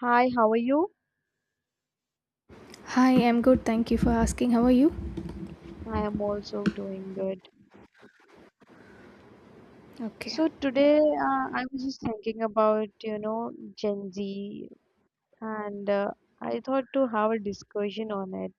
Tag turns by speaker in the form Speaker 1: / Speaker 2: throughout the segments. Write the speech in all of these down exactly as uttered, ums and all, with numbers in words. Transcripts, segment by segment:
Speaker 1: Hi, how are you?
Speaker 2: Hi, I'm good. Thank you for asking. How are you?
Speaker 1: I am also doing good.
Speaker 2: Okay.
Speaker 1: So today, uh, I was just thinking about, you know, Gen Z, and uh, I thought to have a discussion on it.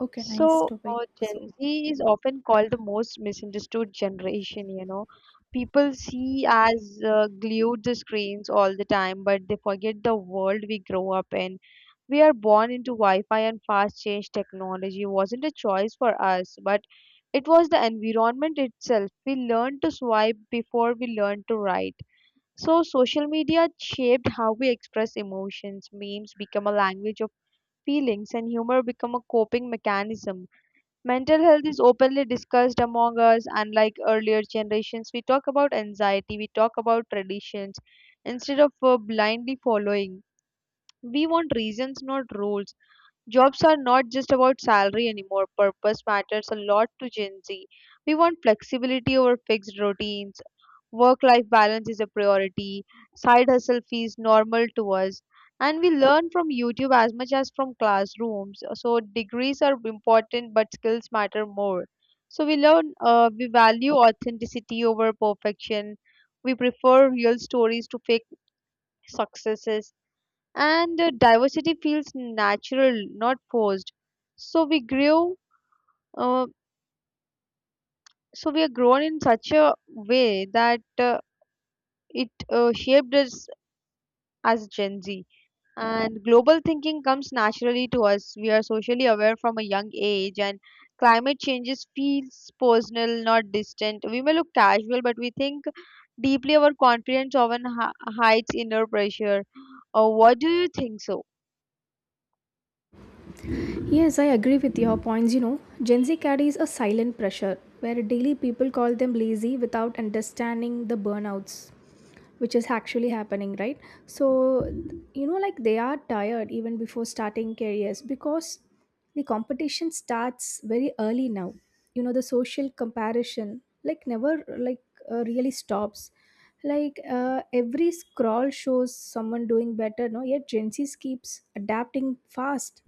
Speaker 2: Okay, nice
Speaker 1: So,
Speaker 2: topic.
Speaker 1: uh, Gen
Speaker 2: So,
Speaker 1: Z is often called the most misunderstood generation, you know. People see as uh, glued to screens all the time, but they forget the world we grow up in. We are born into Wi-Fi and fast change technology wasn't a choice for us, but it was the environment itself. We learned to swipe before we learned to write. So social media shaped how we express emotions. Memes become a language of feelings and humor become a coping mechanism. Mental health is openly discussed among us unlike earlier generations. We talk about anxiety, we talk about traditions instead of uh, blindly following. We want reasons, not rules. Jobs are not just about salary anymore. Purpose matters a lot to Gen Z. We want flexibility over fixed routines. Work life balance is a priority. Side hustle fees normal to us. And we learn from YouTube as much as from classrooms. So degrees are important, but skills matter more. So we learn, uh, we value authenticity over perfection. We prefer real stories to fake successes, and uh, diversity feels natural, not forced. so we grew uh, so we are grown in such a way that uh, it uh, shaped us as Gen Z. And global thinking comes naturally to us. We are socially aware from a young age, and climate changes feels personal, not distant. We may look casual, but we think deeply. Our confidence often hi- hides inner pressure. uh, what do you think so?
Speaker 2: yes, I agree with your points. You know, Gen Z carries a silent pressure where daily people call them lazy without understanding the burnouts, which is actually happening, right? So you know, like, they are tired even before starting careers because the competition starts very early now. You know, the social comparison, like, never, like uh, really stops. Like, uh, every scroll shows someone doing better, no? Yet Gen Zs keeps adapting fast,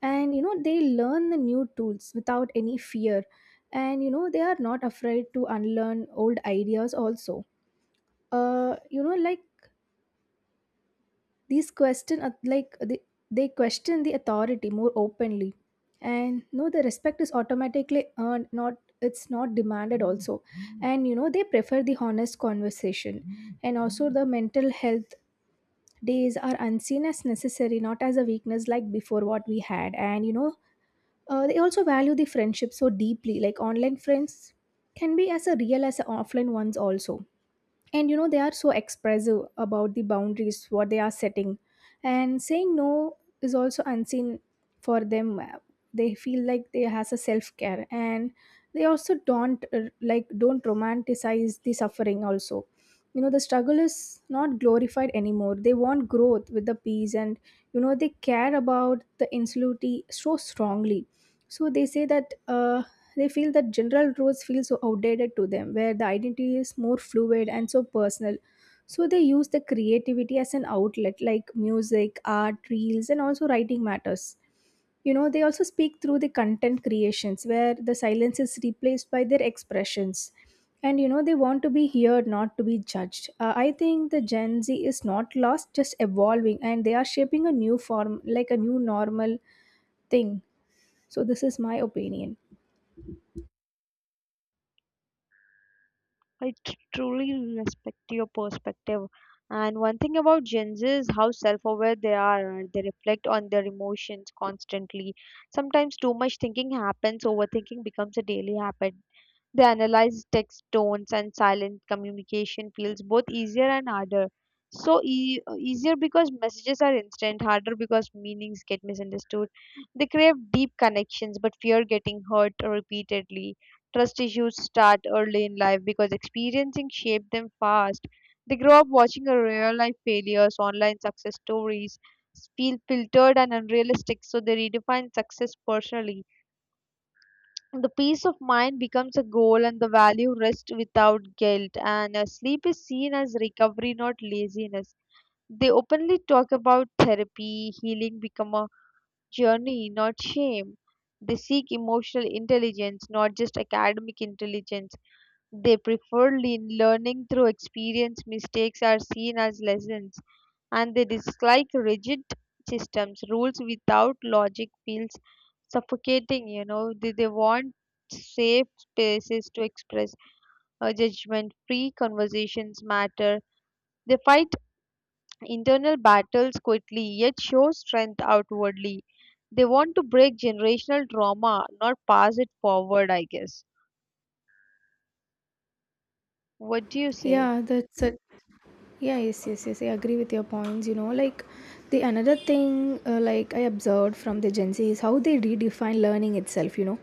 Speaker 2: and you know, they learn the new tools without any fear, and you know, they are not afraid to unlearn old ideas also. Uh, you know, like, these question uh, like they, they question the authority more openly, and no, the respect is automatically earned, not, it's not demanded also. And you know, they prefer the honest conversation, and also the mental health days are unseen as necessary, not as a weakness like before what we had. And you know, uh, they also value the friendship so deeply, like online friends can be as a real as a offline ones also. And you know, they are so expressive about the boundaries what they are setting, and saying no is also unseen for them. Uh, they feel like they has a self care, and they also don't uh, like, don't romanticize the suffering also. You know, the struggle is not glorified anymore. They want growth with the peace, and you know, they care about the insularity so strongly. So they say that, uh, they feel that general rules feel so outdated to them, where the identity is more fluid and so personal. So they use the creativity as an outlet, like music, art, reels, and also writing matters. You know, they also speak through the content creations, where the silence is replaced by their expressions, and you know, they want to be heard, not to be judged. uh, I think the Gen Z is not lost, just evolving, and they are shaping a new form, like a new normal thing. So this is my opinion.
Speaker 1: I tr- truly respect your perspective. And one thing about Gen Z is how self-aware they are. And They reflect on their emotions constantly. Sometimes too much thinking happens. Overthinking becomes a daily habit. They analyze text tones and silent communication feels both easier and harder. So e- easier because messages are instant, harder because meanings get misunderstood. They crave deep connections but fear getting hurt repeatedly. Trust issues start early in life because experiencing shape them fast. They grow up watching a real life failures, online success stories, feel filtered and unrealistic, so they redefine success personally. The peace of mind becomes a goal and the value rests without guilt, and uh, sleep is seen as recovery, not laziness. They openly talk about therapy, healing become a journey, not shame. They seek emotional intelligence, not just academic intelligence. They prefer le- learning through experience. Mistakes are seen as lessons, and they dislike rigid systems. Rules without logic feels suffocating. You know, they, they want safe spaces to express a judgment. Free conversations matter. They fight internal battles quickly, yet show strength outwardly. They want to break generational trauma, not pass it forward, I guess. What do you say?
Speaker 2: Yeah, that's it. Yeah, yes, yes, yes, I agree with your points. You know, like, the another thing, uh, like, I observed from the Gen Z is how they redefine learning itself. You know,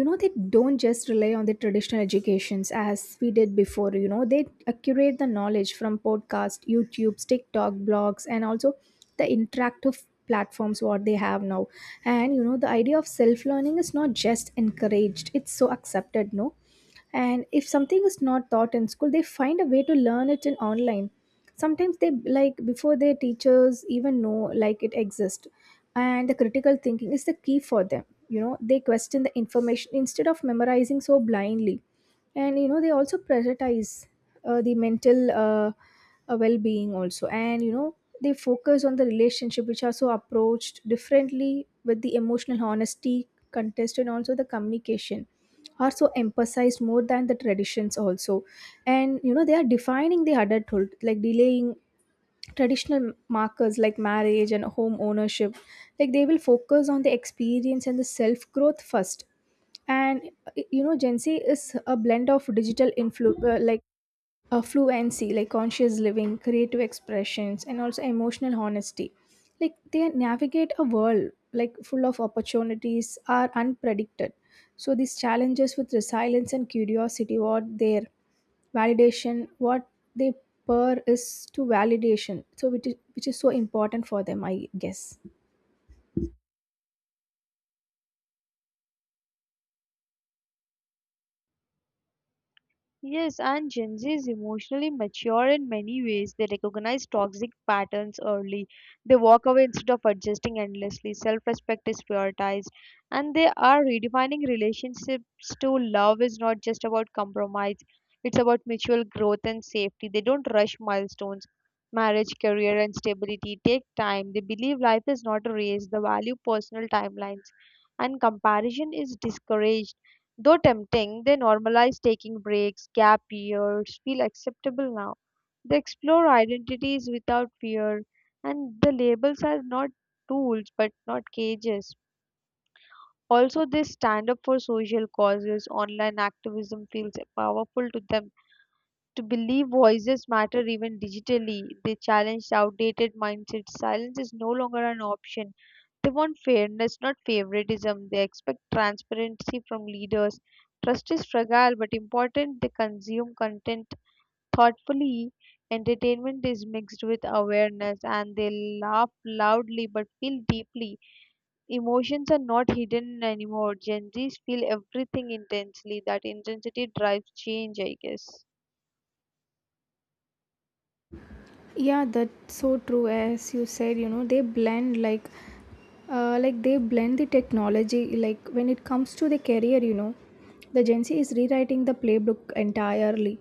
Speaker 2: you know, they don't just rely on the traditional educations as we did before. You know, they accurate the knowledge from podcast, YouTube, TikTok, blogs, and also the interactive platforms what they have now. And you know, the idea of self learning is not just encouraged, it's so accepted, no? And if something is not taught in school, they find a way to learn it in online, sometimes they, like, before their teachers even know like it exists. And the critical thinking is the key for them. You know, they question the information instead of memorizing so blindly. And you know, they also prioritize, uh, the mental, uh, uh, well-being also. And you know, they focus on the relationship which are so approached differently with the emotional honesty contest, and also the communication are so emphasized more than the traditions also. And you know, they are defining the adulthood, like delaying traditional markers like marriage and home ownership. Like, they will focus on the experience and the self growth first. And uh, you know, Gen Z is a blend of digital influ uh, like uh, fluency, like conscious living, creative expressions, and also emotional honesty. Like, they navigate a world like full of opportunities are unpredicted. So these challenges with resilience and curiosity were there. Validation what they purr is to validation, so which is, which is so important for them, I guess.
Speaker 1: Yes, and Gen Z is emotionally mature in many ways. They recognize toxic patterns early. They walk away instead of adjusting endlessly. Self respect is prioritized. And they are redefining relationships. To love is not just about compromise, it's about mutual growth and safety. They don't rush milestones. Marriage, career, and stability take time. They believe life is not a race. They value personal timelines. And comparison is discouraged. Though tempting, they normalize taking breaks, gap years feel acceptable now. They explore identities without fear, and the labels are not tools but not cages. Also, they stand up for social causes. Online activism feels powerful to them. To believe voices matter even digitally, they challenge outdated mindsets. Silence is no longer an option. They want fairness, not favoritism. They expect transparency from leaders. Trust is fragile but important. They consume content thoughtfully. Entertainment is mixed with awareness and they laugh loudly but feel deeply. Emotions are not hidden anymore. Gen Zs feel everything intensely. That intensity drives change, I guess.
Speaker 2: Yeah, that's so true. As you said, you know, they blend, like, uh, like they blend the technology, like when it comes to the career. You know, the Gen Z is rewriting the playbook entirely,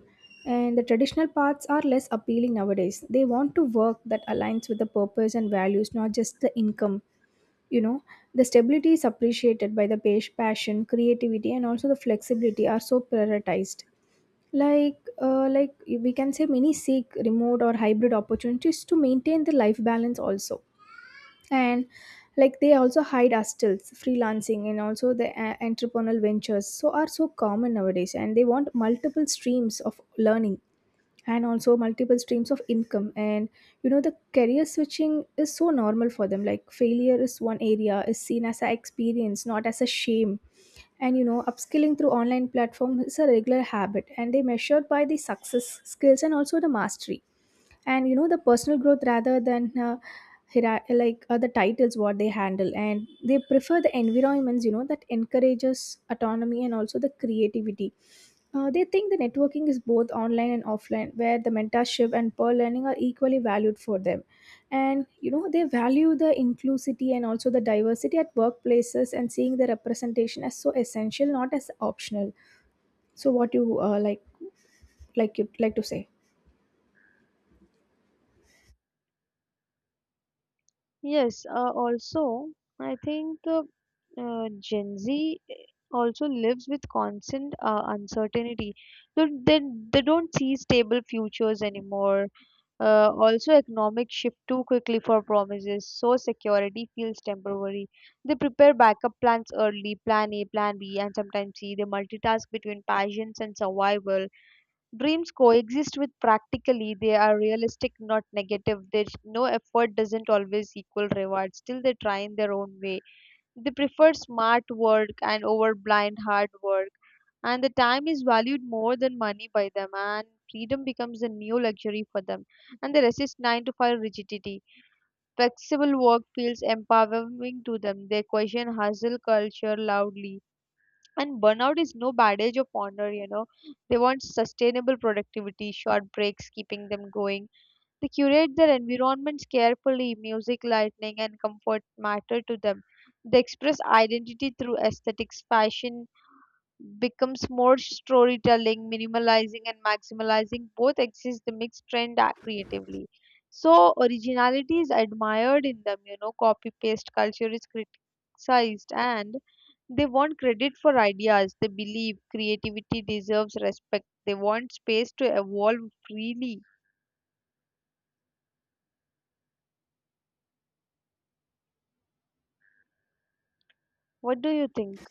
Speaker 2: and the traditional paths are less appealing nowadays. They want to work that aligns with the purpose and values, not just the income. You know, the stability is appreciated by the pas- passion, creativity, and also the flexibility are so prioritized. Like uh, like we can say many seek remote or hybrid opportunities to maintain the life balance also. And like, they also hide hostels, freelancing, and also the uh, entrepreneurial ventures so are so common nowadays, and they want multiple streams of learning and also multiple streams of income. And you know, the career switching is so normal for them, like failure is one area is seen as a experience, not as a shame. And you know, upskilling through online platform is a regular habit, and they measure by the success skills and also the mastery and you know the personal growth rather than uh, hiera- like uh, the titles what they handle. And they prefer the environments, you know, that encourages autonomy and also the creativity. Uh, they think the networking is both online and offline, where the mentorship and peer learning are equally valued for them. And you know, they value the inclusivity and also the diversity at workplaces, and seeing the representation as so essential, not as optional. So, what you uh, like, like you like to say?
Speaker 1: Yes, uh, also, I think uh, uh, Gen Z eh, also lives with constant uh, uncertainty. So they, they don't see stable futures anymore. Uh, also, economic shift too quickly for promises, so security feels temporary. They prepare backup plans early, plan A, plan B, and sometimes C. They multitask between passions and survival. Dreams coexist with practically, they are realistic, not negative. There's no effort doesn't always equal reward. Still, they try in their own way. They prefer smart work and over blind hard work. And the time is valued more than money by them, and freedom becomes a new luxury for them. And they resist nine to five rigidity. Flexible work feels empowering to them. They question hustle culture loudly and burnout is no badge of honor, you know. They want sustainable productivity, short breaks keeping them going. They curate their environments carefully, music, lighting, and comfort matter to them. They express identity through aesthetics, fashion becomes more storytelling, minimalizing and maximalizing both exist, they mix trend uh, creatively. So originality is admired in them, you know, copy paste culture is criticized and they want credit for ideas they believe creativity deserves respect. They want space to evolve freely. What do you think?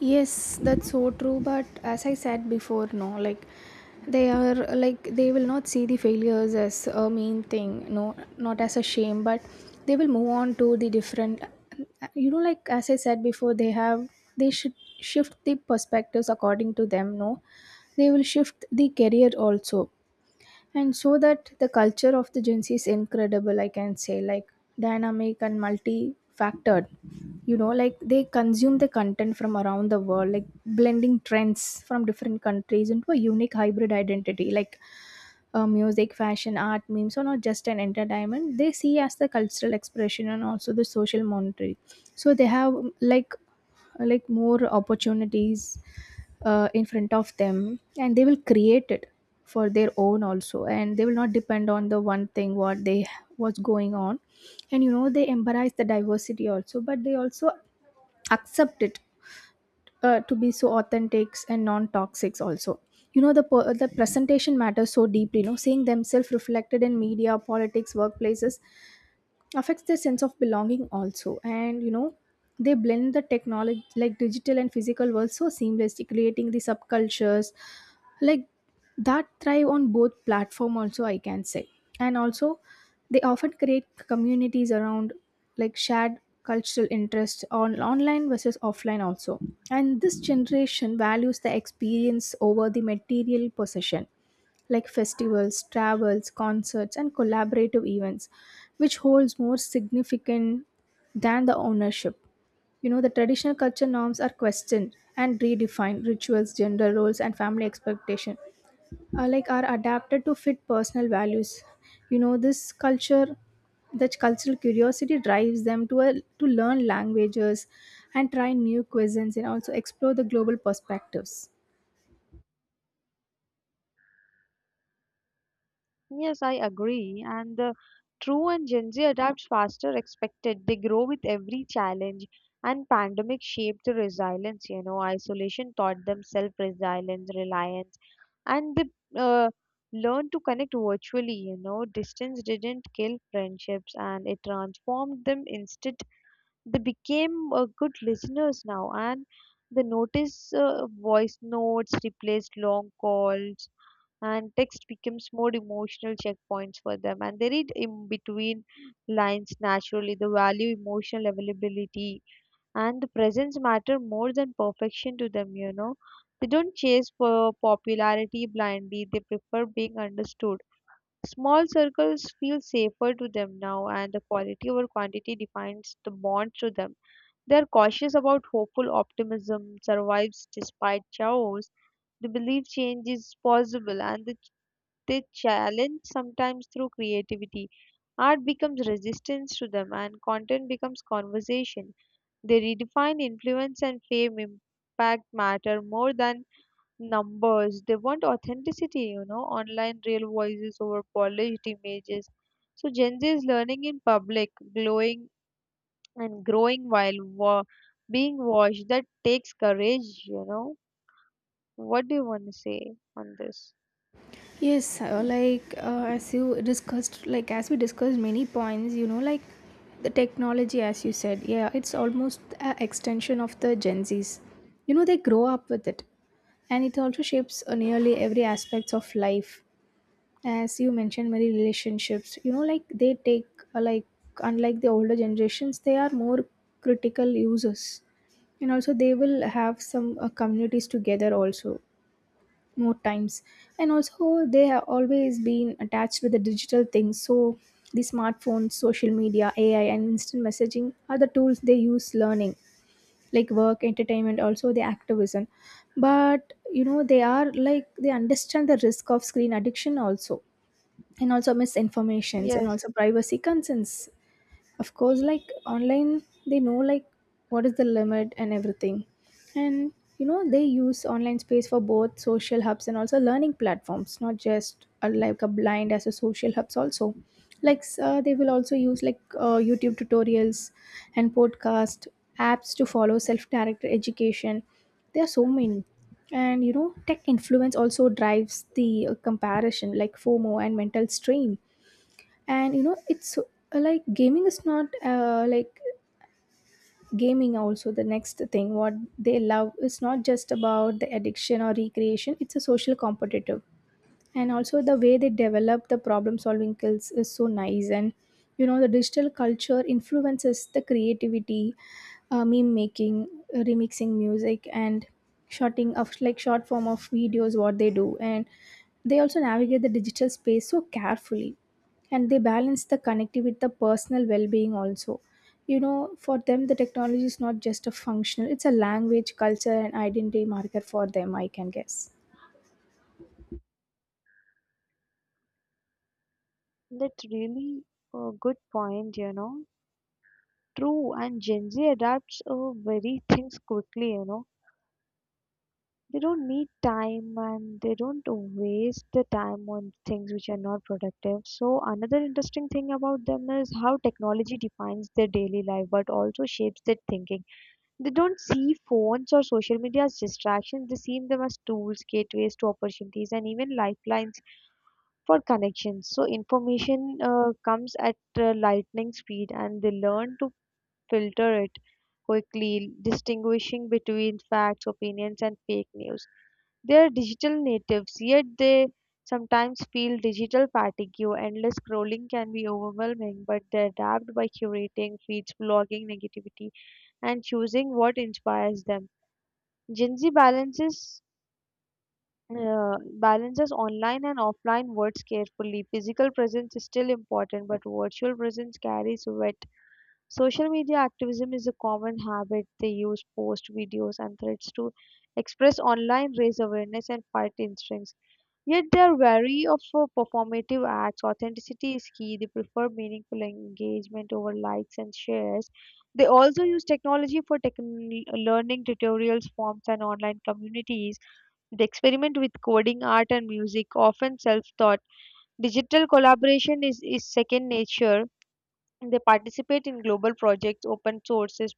Speaker 2: Yes, that's so true. But as I said before, no, like, they are, like, they will not see the failures as a mean thing, no, not as a shame, but they will move on to the different, you know, like as I said before, they have, they should shift the perspectives according to them, no, they will shift the career also. And so that the culture of the Gen Z is incredible, I can say, like dynamic and multi factored. You know, like, they consume the content from around the world, like blending trends from different countries into a unique hybrid identity. Like, uh, music, fashion, art, memes or not just an entertainment, they see as the cultural expression and also the social monetary. So they have, like like more opportunities uh, in front of them, and they will create it for their own also, and they will not depend on the one thing what they, what's going on. And you know, they embrace the diversity also, but they also accept it uh, to be so authentic and non-toxic also. You know, the per- the presentation matters so deeply. You know, seeing themselves reflected in media, politics, workplaces affects their sense of belonging also. And you know, they blend the technology, like digital and physical world so seamlessly, creating the subcultures like that thrive on both platform also, I can say. And also, they often create communities around, like, shared cultural interests on online versus offline also. And this generation values the experience over the material possession, like festivals, travels, concerts, and collaborative events, which holds more significant than the ownership. You know, the traditional culture norms are questioned and redefined. Rituals, gender roles, and family expectation are, like, are adapted to fit personal values. You know, this culture, that cultural curiosity drives them to a, to learn languages and try new cuisines and also explore the global perspectives.
Speaker 1: Yes, I agree. And the true and Gen Z adapts faster expected. They grow with every challenge. And pandemic shaped the resilience, you know, isolation taught them self-resilience, reliance, and they uh, learned to connect virtually, you know. Distance didn't kill friendships and it transformed them instead. They became uh, good listeners now and they notice uh, voice notes replaced long calls and text becomes more emotional checkpoints for them, and they read in between lines naturally. The value emotional availability and the presence matter more than perfection to them, you know. They don't chase for popularity blindly, they prefer being understood. Small circles feel safer to them now, and the quality over quantity defines the bond to them. They are cautious about hopeful optimism survives despite chaos. The belief change is possible and they they challenge sometimes through creativity. Art becomes resistance to them and content becomes conversation. They redefine influence and fame impact matter more than numbers. They want authenticity, you know, online real voices over polished images. So Gen Z is learning in public, glowing and growing while wa- being watched. That takes courage, you know. What do you want to say on this?
Speaker 2: Yes, uh, like, uh, as you discussed, like as we discussed many points, you know, like, the technology, as you said, yeah, it's almost an extension of the Gen Zs. You know, they grow up with it, and it also shapes uh, nearly every aspects of life. As you mentioned, many relationships, you know, like they take, uh, like unlike the older generations, they are more critical users, and also they will have some uh, communities together also more times. And also they have always been attached with the digital things. So the smartphones, social media, AI, and instant messaging are the tools they use, learning, like work, entertainment, also the activism. But you know, they are, like, they understand the risk of screen addiction also, and also misinformations, and
Speaker 1: Yes,
Speaker 2: also privacy concerns. Of course, like, online they know, like, what is the limit and everything. And you know, they use online space for both social hubs and also learning platforms, not just uh, like a blind as a social hubs also. Like s- uh, they will also use, like, uh, YouTube tutorials and podcast apps to follow self-directed education. There are so many. And you know, tech influence also drives the uh, comparison, like FOMO and mental strain. And you know, it's uh, like gaming is not, uh, like gaming also, the next thing what they love, is not just about the addiction or recreation, it's a social competitive, and also the way they develop the problem solving skills is so nice. And you know, the digital culture influences the creativity, uh, meme making, uh, remixing music, and shorting of, like, short form of videos what they do. And they also navigate the digital space so carefully, and they balance the connectivity with the personal well-being also. You know, for them the technology is Not just a functional, it's a language, culture and identity marker for them, I can guess.
Speaker 1: that's really a good point, you know. True and Gen Z adapts uh, very things quickly, you know. They don't need time and they don't waste the time on things which are not productive. So, another interesting thing about them is how technology defines their daily life but also shapes their thinking. They don't see phones or social media as distractions, they see them as tools, gateways to opportunities, and even lifelines for connections. So, information uh, comes at uh, lightning speed and they learn to filter it quickly, distinguishing between facts, opinions, and fake news. They are digital natives, yet they sometimes feel digital fatigue. Endless scrolling can be overwhelming, but they adapt by curating feeds, blogging negativity, and choosing what inspires them. Gen Z balances uh, balances online and offline words carefully. Physical presence is still important, but virtual presence carries weight. Social media activism is a common habit. They use posts, videos, and threads to express online, raise awareness, and fight instincts. Yet they are wary of uh, performative acts. Authenticity is key. They prefer meaningful engagement over likes and shares. They also use technology for techn- learning tutorials, forms, and online communities. They experiment with coding, art, and music, often self taught. Digital collaboration is, is second nature. They participate in global projects, open sources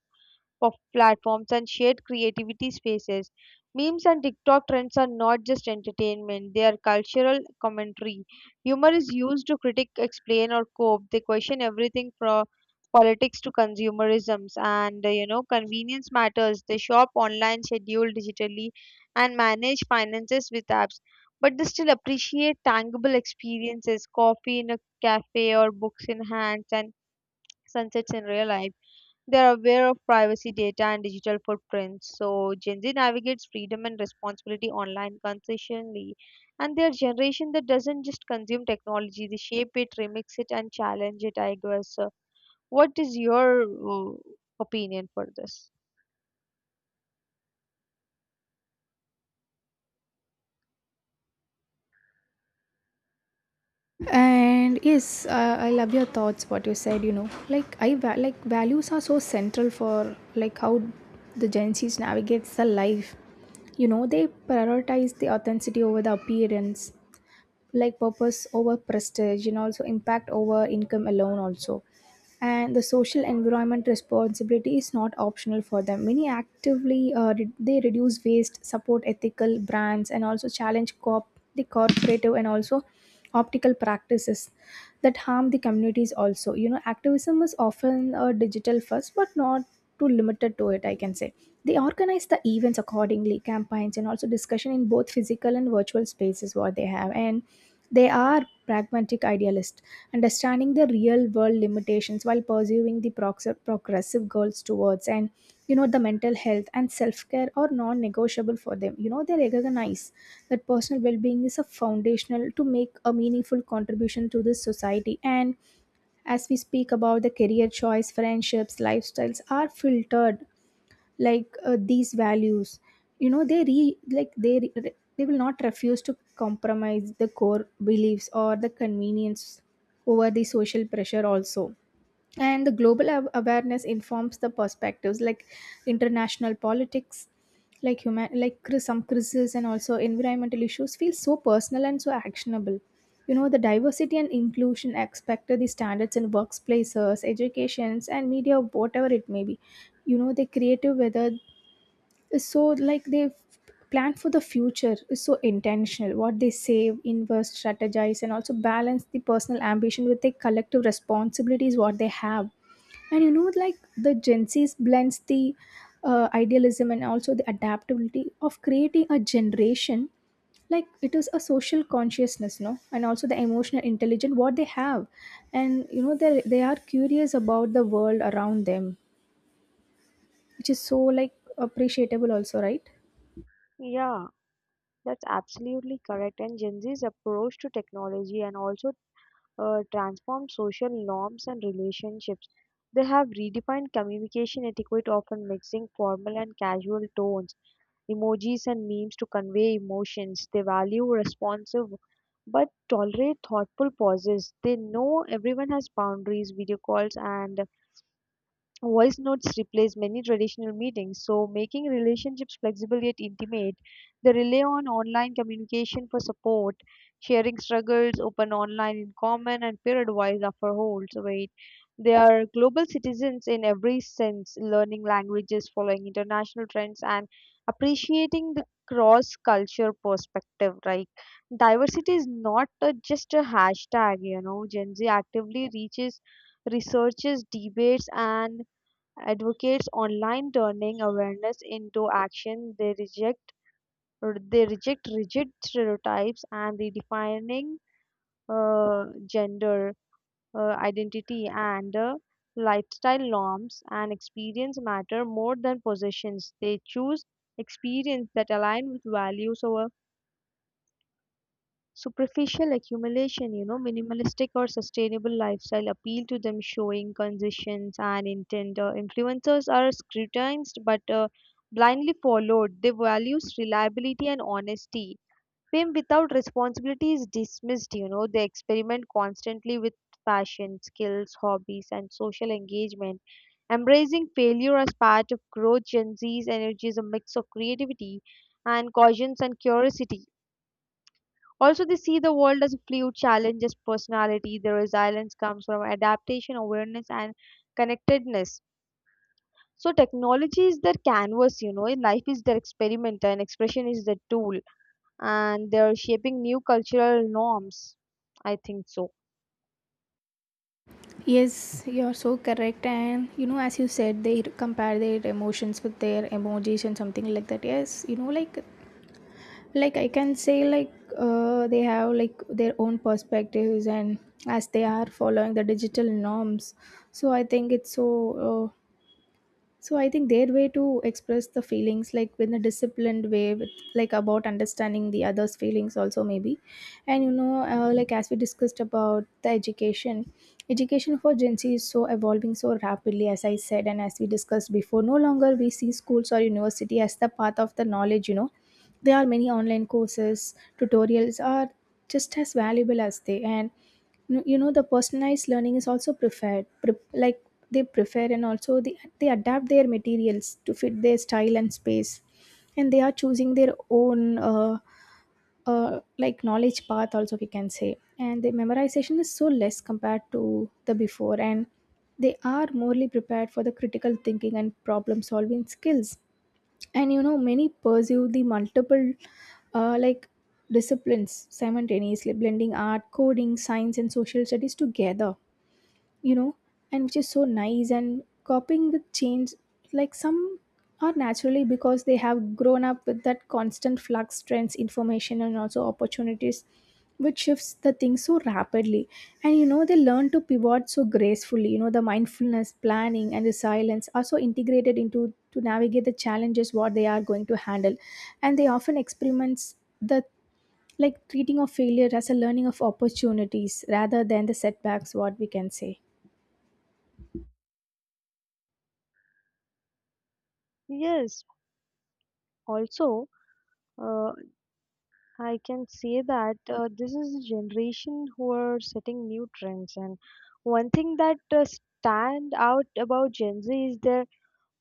Speaker 1: of platforms, and shared creativity spaces. Memes and TikTok trends are not just entertainment, they are cultural commentary. Humor is used to critic, explain, or cope. They question everything from politics to consumerisms, and uh, you know convenience matters. They shop online, schedule digitally, and manage finances with apps, but they still appreciate tangible experiences, coffee in a cafe or books in hands and sunsets in real life. They are aware of privacy data and digital footprints. So Gen Z navigates freedom and responsibility online consistently. And they're generation that doesn't just consume technology, they shape it, remix it, and challenge it, I guess. So what is your uh, opinion for this?
Speaker 2: And yes, uh, I love your thoughts, what you said. You know, like i va- like values are so central for like how the Gen Z's navigates the life. You know, they prioritize the authenticity over the appearance, like purpose over prestige and also impact over income alone also. And the social environment responsibility is not optional for them. Many actively uh, re- they reduce waste, support ethical brands and also challenge corp the corporative and also optical practices that harm the communities also. You know, activism is often a digital first but not too limited to it, I can say. They organize the events accordingly, campaigns and also discussion in both physical and virtual spaces what they have. And they are pragmatic idealists and understanding the real world limitations while pursuing the prox- progressive goals towards. And you know, the mental health and self-care are non-negotiable for them. You know, they recognize that personal well-being is a foundational to make a meaningful contribution to this society. And as we speak about the career choice, friendships, lifestyles are filtered like uh, these values. You know, they re like they re- they will not refuse to compromise the core beliefs or the convenience over the social pressure also. And the global aw- awareness informs the perspectives, like international politics, like human like cri- some crises and also environmental issues feel so personal and so actionable. You know, the diversity and inclusion aspect of the standards in workplaces, educations and media, whatever it may be. You know, they creative whether, so like they plan for the future is so intentional, what they save, invest, strategize and also balance the personal ambition with the collective responsibilities what they have. And you know, like the Gen Z's blends the uh, idealism and also the adaptability of creating a generation, like it is a social consciousness, no, and also the emotional intelligence what they have. And you know, they they are curious about the world around them, which is so like appreciable also, right?
Speaker 1: Yeah, that's absolutely correct. And Gen Z's approach to technology and also uh, transformed social norms and relationships. They have redefined communication etiquette, often mixing formal and casual tones, emojis, and memes to convey emotions. They value responsive but tolerate thoughtful pauses. They know everyone has boundaries, video calls, and voice notes replace many traditional meetings, so making relationships flexible yet intimate. They rely on online communication for support, sharing struggles, open online in common, and peer advice after holds weight. They are global citizens in every sense, learning languages, following international trends, and appreciating the cross culture perspective. Right? Diversity is not a, just a hashtag, you know. Gen Z actively reaches, researches, debates, and advocates online turning awareness into action. They reject they reject rigid stereotypes and the defining uh, gender uh, identity and uh, lifestyle norms, and experience matter more than possessions. They choose experience that align with values over superficial accumulation, you know, minimalistic or sustainable lifestyle appeal to them, showing conditions and intent. Uh, influencers are scrutinized but uh, blindly followed. They values reliability and honesty. Fame without responsibility is dismissed. You know, they experiment constantly with fashion, skills, hobbies, and social engagement. Embracing failure as part of growth, Gen Z's energy is a mix of creativity and cautions and curiosity. Also, they see the world as fluid, challenges personality. Their resilience comes from adaptation, awareness, and connectedness. So, technology is their canvas, you know, life is their experiment, and expression is their tool, and they're shaping new cultural norms. I think so.
Speaker 2: Yes, you are so correct. And you know, as you said, they compare their emotions with their emojis and something like that. Yes, you know, like like I can say like uh, they have like their own perspectives and as they are following the digital norms. So I think it's so uh, so I think their way to express the feelings like in a disciplined way, with like about understanding the others feelings also maybe. And you know uh, like as we discussed about the education education for Gen Z is so evolving so rapidly, as I said and as we discussed before. No longer we see schools or university as the path of the knowledge, you know. There are many online courses, tutorials are just as valuable as they. And no, you know, the personalized learning is also preferred pre- like they prefer. And also they, they adapt their materials to fit their style and space, and they are choosing their own uh, uh, like knowledge path also, we can say. And the memorization is so less compared to the before, and they are morely prepared for the critical thinking and problem solving skills. And you know, many pursue the multiple uh, like disciplines simultaneously, blending art, coding, science and social studies together, you know. And which is so nice, and copying the change like some are naturally, because they have grown up with that constant flux, trends, information and also opportunities, which shifts the things so rapidly. And you know, they learn to pivot so gracefully. You know, the mindfulness, planning and the silence are so integrated into to navigate the challenges what they are going to handle. And they often experiments the like treating of failure as a learning of opportunities rather than the setbacks, what we can say.
Speaker 1: Yes, also, uh, I can say that uh, this is a generation who are setting new trends, and one thing that uh, stand out about Gen Z is their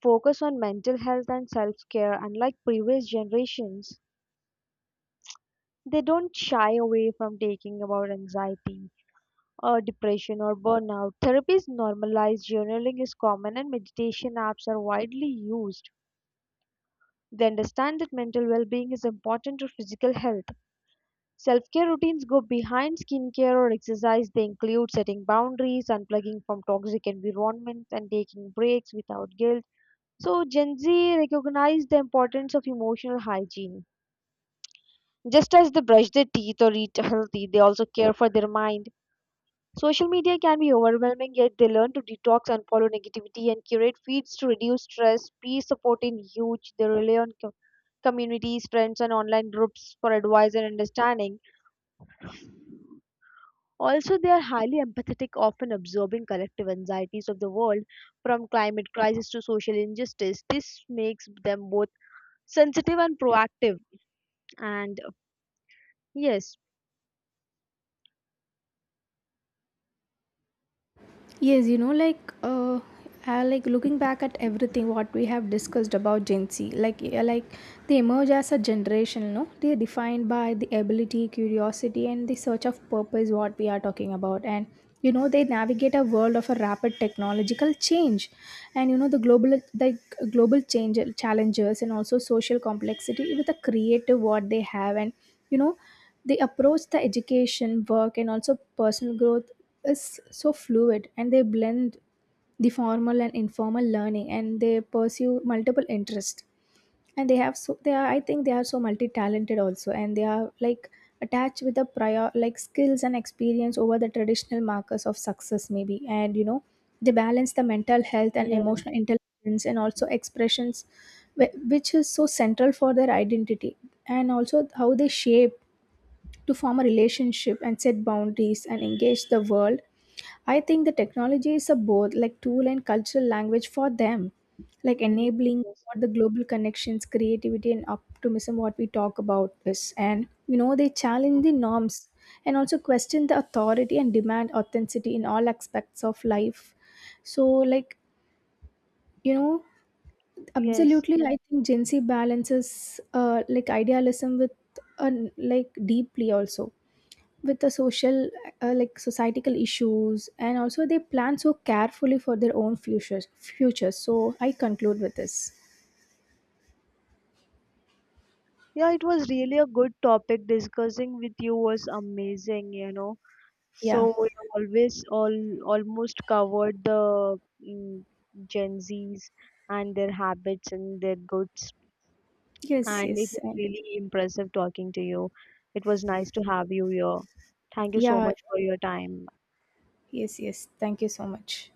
Speaker 1: focus on mental health and self-care. Unlike previous generations, they don't shy away from taking about anxiety or depression or burnout. Therapy is normalized, journaling is common, and meditation apps are widely used. They understand that mental well-being is important to physical health. Self-care routines go behind skincare or exercise. They include setting boundaries, unplugging from toxic environments, and taking breaks without guilt. So Gen Z recognize the importance of emotional hygiene. Just as they brush their teeth or eat healthy, they also care for their mind. Social media can be overwhelming, yet they learn to detox and follow negativity and curate feeds to reduce stress. Peer support is huge. They rely on co- communities, friends, and online groups for advice and understanding. Also, they are highly empathetic, often absorbing collective anxieties of the world, from climate crisis to social injustice. This makes them both sensitive and proactive. And uh, yes,
Speaker 2: Yes, you know, like uh, uh, like looking back at everything what we have discussed about Gen Z, like uh, like they emerge as a generation. No, they are defined by the ability, curiosity, and the search of purpose, what we are talking about. And you know, they navigate a world of a rapid technological change, and you know, the global the global change, challenges and also social complexity with a creative what they have. And you know, they approach the education, work, and also personal growth is so fluid. And they blend the formal and informal learning, and they pursue multiple interests. And they have so, they are, I think they are so multi-talented also. And they are like attached with the prior like skills and experience over the traditional markers of success maybe. And you know, they balance the mental health and
Speaker 1: yes,
Speaker 2: emotional intelligence and also expressions, wh- which is so central for their identity and also how they shape to form a relationship and set boundaries and engage the world. I think the technology is a both like tool and cultural language for them, like
Speaker 1: yes,
Speaker 2: enabling
Speaker 1: yes.
Speaker 2: what the global connections, creativity, and optimism what we talk about is. And you know, they challenge the norms and also question the authority and demand authenticity in all aspects of life. So, like, you know,
Speaker 1: Yes.
Speaker 2: absolutely, I think Gen Z balances uh, like idealism with uh, like deeply also with the social uh, like societal issues, and also they plan so carefully for their own futures futures So I conclude with this.
Speaker 1: Yeah, it was really a good topic. Discussing with you was amazing, you know.
Speaker 2: Yeah.
Speaker 1: So we always all Almost covered the mm, Gen Zs and their habits and their goods.
Speaker 2: Yes,
Speaker 1: And it
Speaker 2: yes.
Speaker 1: was
Speaker 2: And
Speaker 1: really impressive talking to you. It was nice to have you here. Thank you so
Speaker 2: yeah,
Speaker 1: much for your time.
Speaker 2: yes, yes, thank you so much.